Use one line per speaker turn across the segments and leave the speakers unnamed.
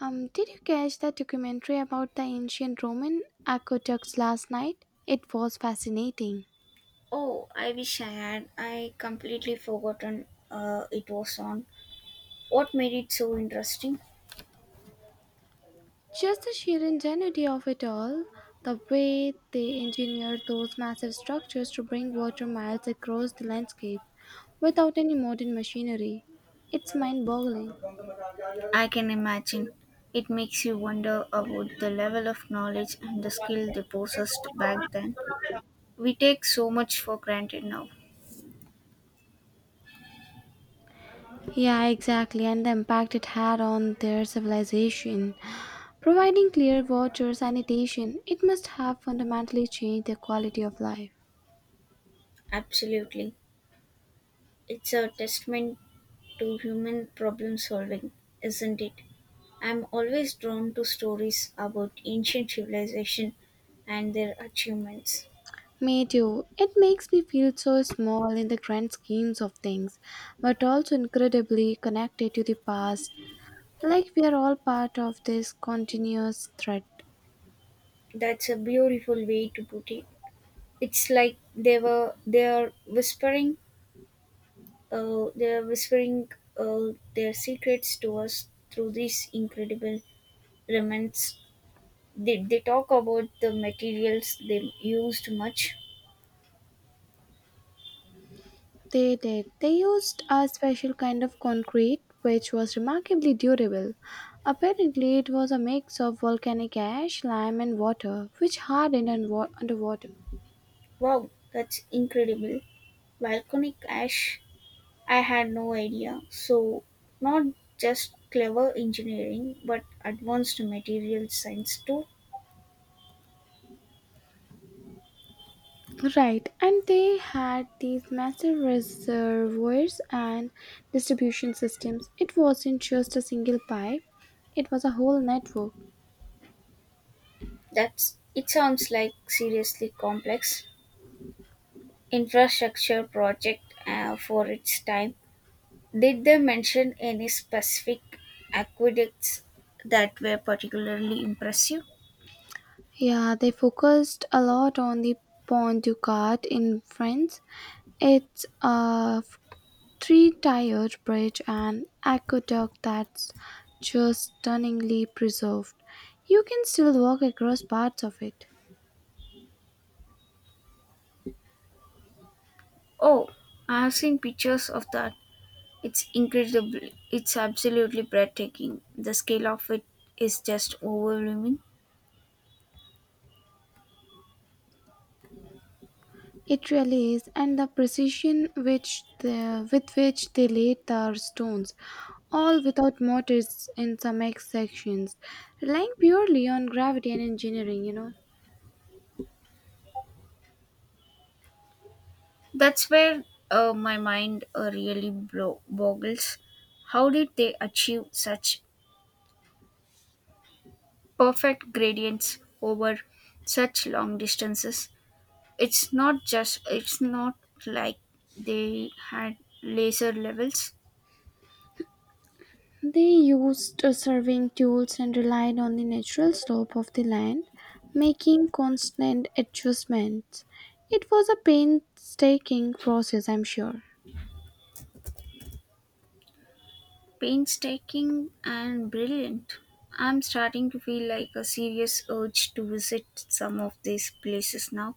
Did you catch that documentary about the ancient Roman aqueducts last night? It was fascinating.
Oh, I wish I had. I completely forgotten it was on. What made it so interesting?
Just the sheer ingenuity of it all, the way they engineered those massive structures to bring water miles across the landscape without any modern machinery. It's mind boggling.
I can imagine. It makes you wonder about the level of knowledge and the skill they possessed back then. We take so much for granted now.
Yeah, exactly, and the impact it had on their civilization. Providing clear water, sanitation, it must have fundamentally changed their quality of life.
Absolutely. It's a testament to human problem solving, isn't it? I'm always drawn to stories about ancient civilization and their achievements.
Me too. It makes me feel so small in the grand schemes of things, but also incredibly connected to the past. Like we are all part of this continuous thread.
That's a beautiful way to put it. It's like they are whispering their secrets to us through these incredible remnants. They talk about the materials they used much?
They did. They used a special kind of concrete which was remarkably durable. Apparently, it was a mix of volcanic ash, lime, and water, which hardened and underwater.
Wow, that's incredible. Volcanic ash. I had no idea. So not just clever engineering, but advanced material science too.
Right, and they had these massive reservoirs and distribution systems. It wasn't just a single pipe, it was a whole network.
That's It sounds like seriously complex infrastructure project for its time. Did they mention any specific aqueducts that were particularly impressive?
Yeah, they focused a lot on the Pont du Gard in France. It's a three tiered bridge and aqueduct that's just stunningly preserved. You can still walk across parts of it.
Oh, I have seen pictures of that. It's incredible. It's absolutely breathtaking. The scale of it is just overwhelming.
It really is, and the precision with which they laid their stones, all without mortars in some X sections, relying purely on gravity and engineering,
That's where my mind really boggles. How did they achieve such perfect gradients over such long distances? It's not like they had laser levels.
They used surveying tools and relied on the natural slope of the land, making constant adjustments. It was a painstaking process, I'm sure.
Painstaking and brilliant. I'm starting to feel like a serious urge to visit some of these places now.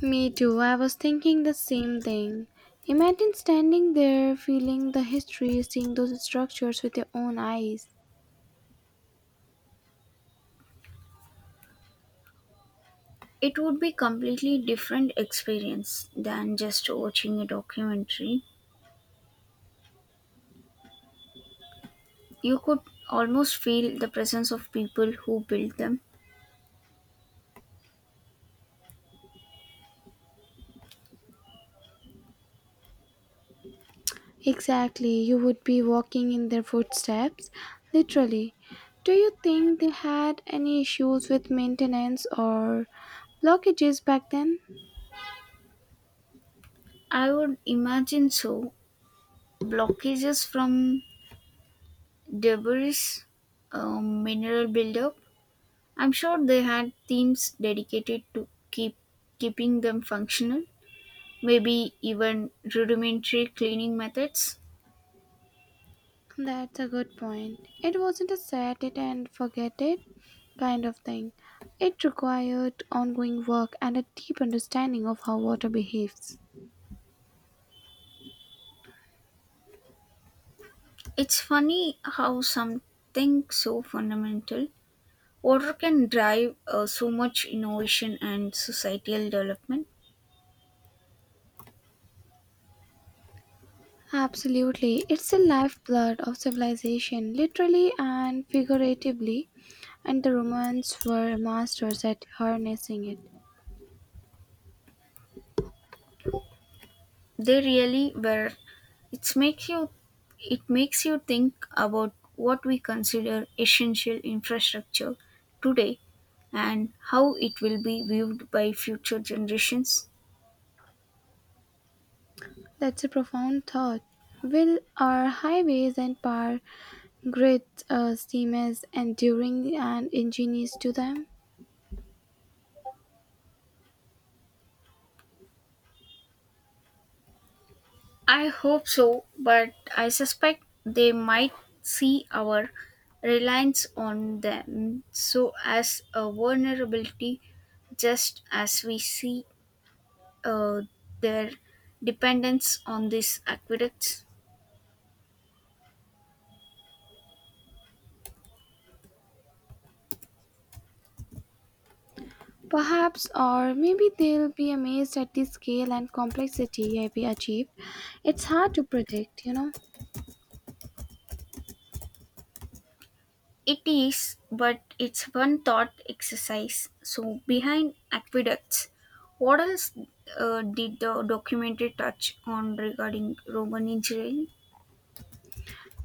Me too, I was thinking the same thing. Imagine standing there, feeling the history, seeing those structures with your own eyes.
It would be completely different experience than just watching a documentary. You could almost feel the presence of people who built them.
Exactly, you would be walking in their footsteps, literally. Do you think they had any issues with maintenance or blockages back then?
I would imagine so. Blockages from debris, mineral buildup, I'm sure they had teams dedicated to keeping them functional, maybe even rudimentary cleaning methods.
That's a good point. It wasn't a set it and forget it kind of thing. It required ongoing work and a deep understanding of how water behaves.
It's funny how something so fundamental water can drive so much innovation and societal development.
Absolutely. It's the lifeblood of civilization, literally and figuratively, and the Romans were masters at harnessing it.
They really were, it makes you it makes you think about what we consider essential infrastructure today and how it will be viewed by future generations.
That's a profound thought. Will our highways and power grids seem as enduring and ingenious to them?
I hope so, but I suspect they might see our reliance on them so as a vulnerability just as we see uh, their dependence on these aqueducts.
Perhaps, or maybe they'll be amazed at the scale and complexity we achieved. It's hard to predict,
It is, but it's one thought exercise. So, behind aqueducts, what else did the documentary touch on regarding Roman engineering?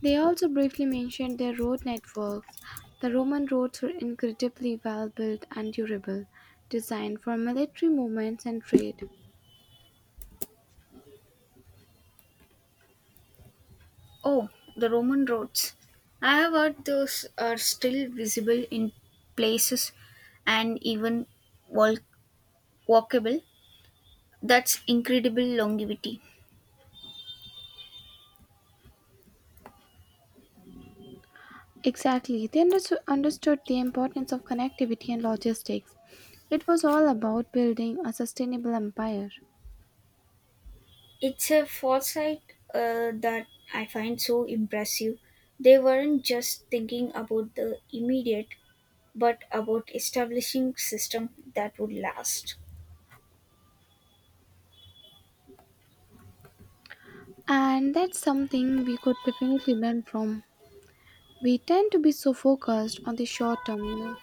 They also briefly mentioned their road networks. The Roman roads were incredibly well built and durable, designed for military movements and trade.
Oh, the Roman roads. I have heard those are still visible in places and even walk- walkable. That's incredible longevity.
Exactly, they understood the importance of connectivity and logistics. It was all about building a sustainable empire.
It's a foresight that I find so impressive. They weren't just thinking about the immediate, but about establishing system that would last.
And that's something we could definitely learn from. We tend to be so focused on the short term,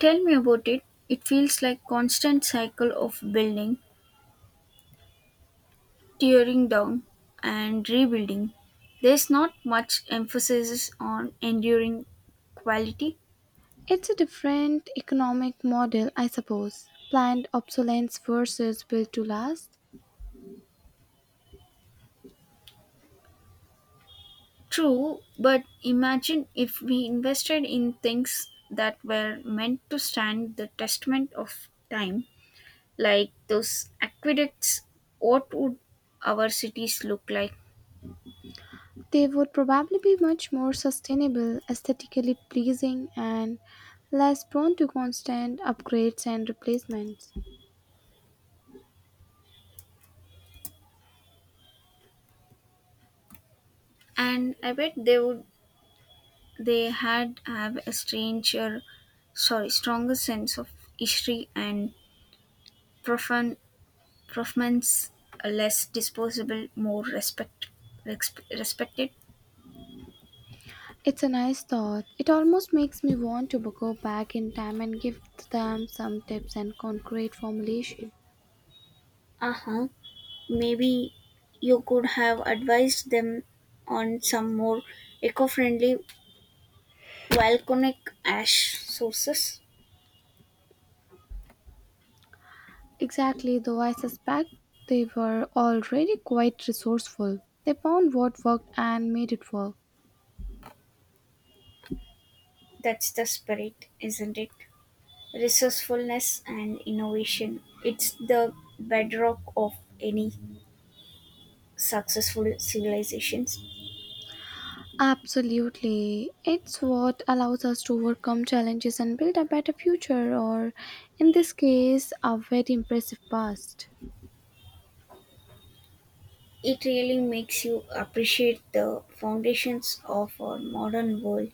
Tell me about it. It feels like constant cycle of building, tearing down, and rebuilding, there's not much emphasis on enduring quality.
It's a different economic model, I suppose. Planned obsolescence versus built to last.
True, but imagine if we invested in things that were meant to stand the testament of time, like those aqueducts, what would our cities look like?
They would probably be much more sustainable, aesthetically pleasing, and less prone to constant upgrades and replacements.
And I bet they would, they had have a stranger, sorry, stronger sense of history and profound Proffman's, less disposable, more respect, respected.
It's a nice thought. It almost makes me want to go back in time and give them some tips and concrete formulation.
Uh huh. Maybe you could have advised them on some more eco friendly volcanic ash sources.
Exactly, though I suspect they were already quite resourceful. They found what worked and made it work.
That's the spirit, isn't it? Resourcefulness and innovation. It's the bedrock of any successful civilizations.
Absolutely. It's what allows us to overcome challenges and build a better future, or in this case, a very impressive past.
It really makes you appreciate the foundations of our modern world.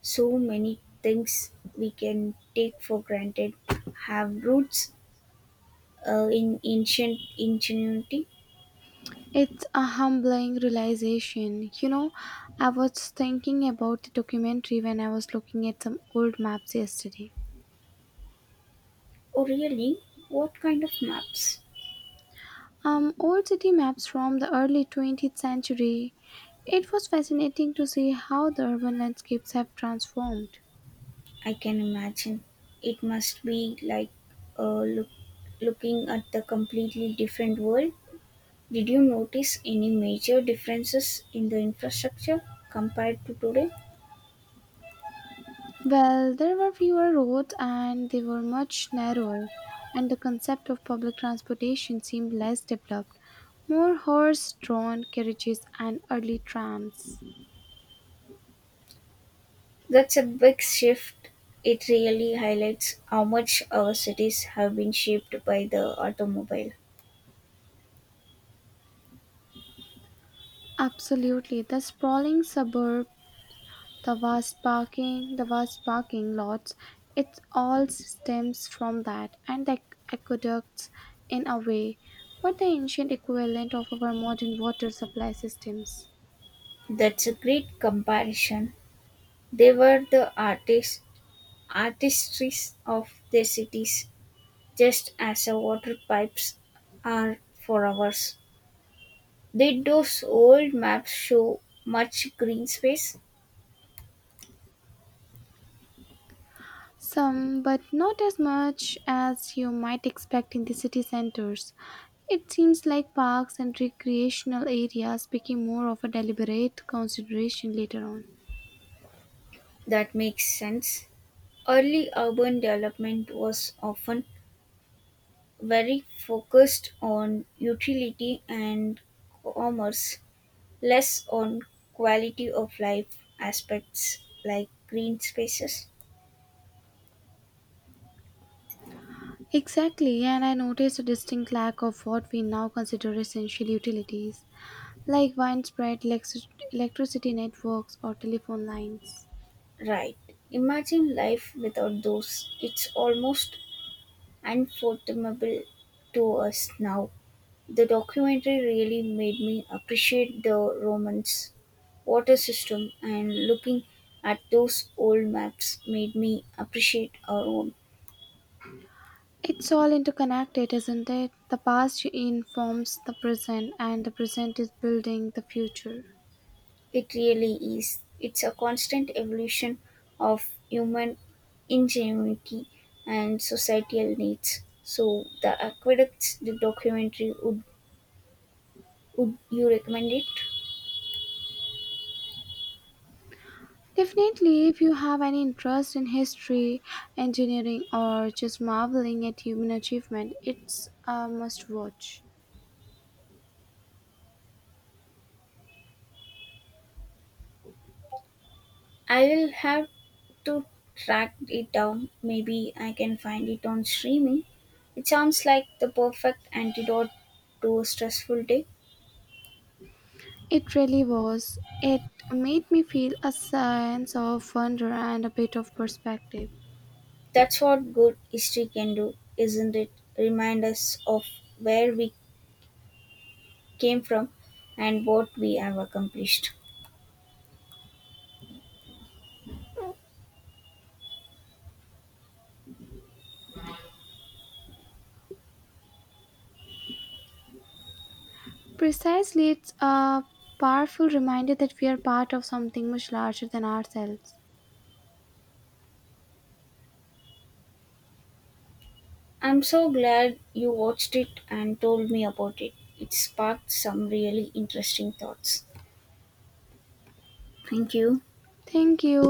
So many things we can take for granted have roots in ancient ingenuity.
It's a humbling realization. You know, I was thinking about the documentary when I was looking at some old maps yesterday.
Or really, what kind of maps?
Old city maps from the early 20th century. It was fascinating to see how the urban landscapes have transformed.
I can imagine. It must be like uh, look, looking at the completely different world. Did you notice any major differences in the infrastructure compared to today?
Well, there were fewer roads and they were much narrower, and the concept of public transportation seemed less developed. More horse drawn carriages and early trams.
That's a big shift. It really highlights how much our cities have been shaped by the automobile.
Absolutely, the sprawling suburb, the vast parking lots, it all stems from that, and the aqueducts in a way, what the ancient equivalent of our modern water supply systems.
That's a great comparison. They were artistries of their cities, just as our water pipes are for ours. Did those old maps show much green space?
Some, but not as much as you might expect in the city centers. It seems like parks and recreational areas became more of a deliberate consideration later on.
That makes sense. Early urban development was often very focused on utility and commerce, less on quality of life aspects like green spaces.
Exactly, and I noticed a distinct lack of what we now consider essential utilities, like widespread electricity networks or telephone lines.
Right. Imagine life without those. It's almost unfathomable to us now. The documentary really made me appreciate the Romans' water system, and looking at those old maps made me appreciate our own.
It's all interconnected, isn't it? The past informs the present, and the present is building the future.
It really is. It's a constant evolution of human ingenuity and societal needs. So, the aqueducts, the documentary, would you recommend it?
Definitely, if you have any interest in history, engineering, or just marveling at human achievement, it's a must watch.
I'll have to track it down. Maybe I can find it on streaming. It sounds like the perfect antidote to a stressful day.
It really was. It made me feel a sense of wonder and a bit of perspective.
That's what good history can do, isn't it? Remind us of where we came from and what we have accomplished.
Precisely, it's a powerful reminder that we are part of something much larger than ourselves.
I'm so glad you watched it and told me about it. It sparked some really interesting thoughts. Thank you.
Thank you.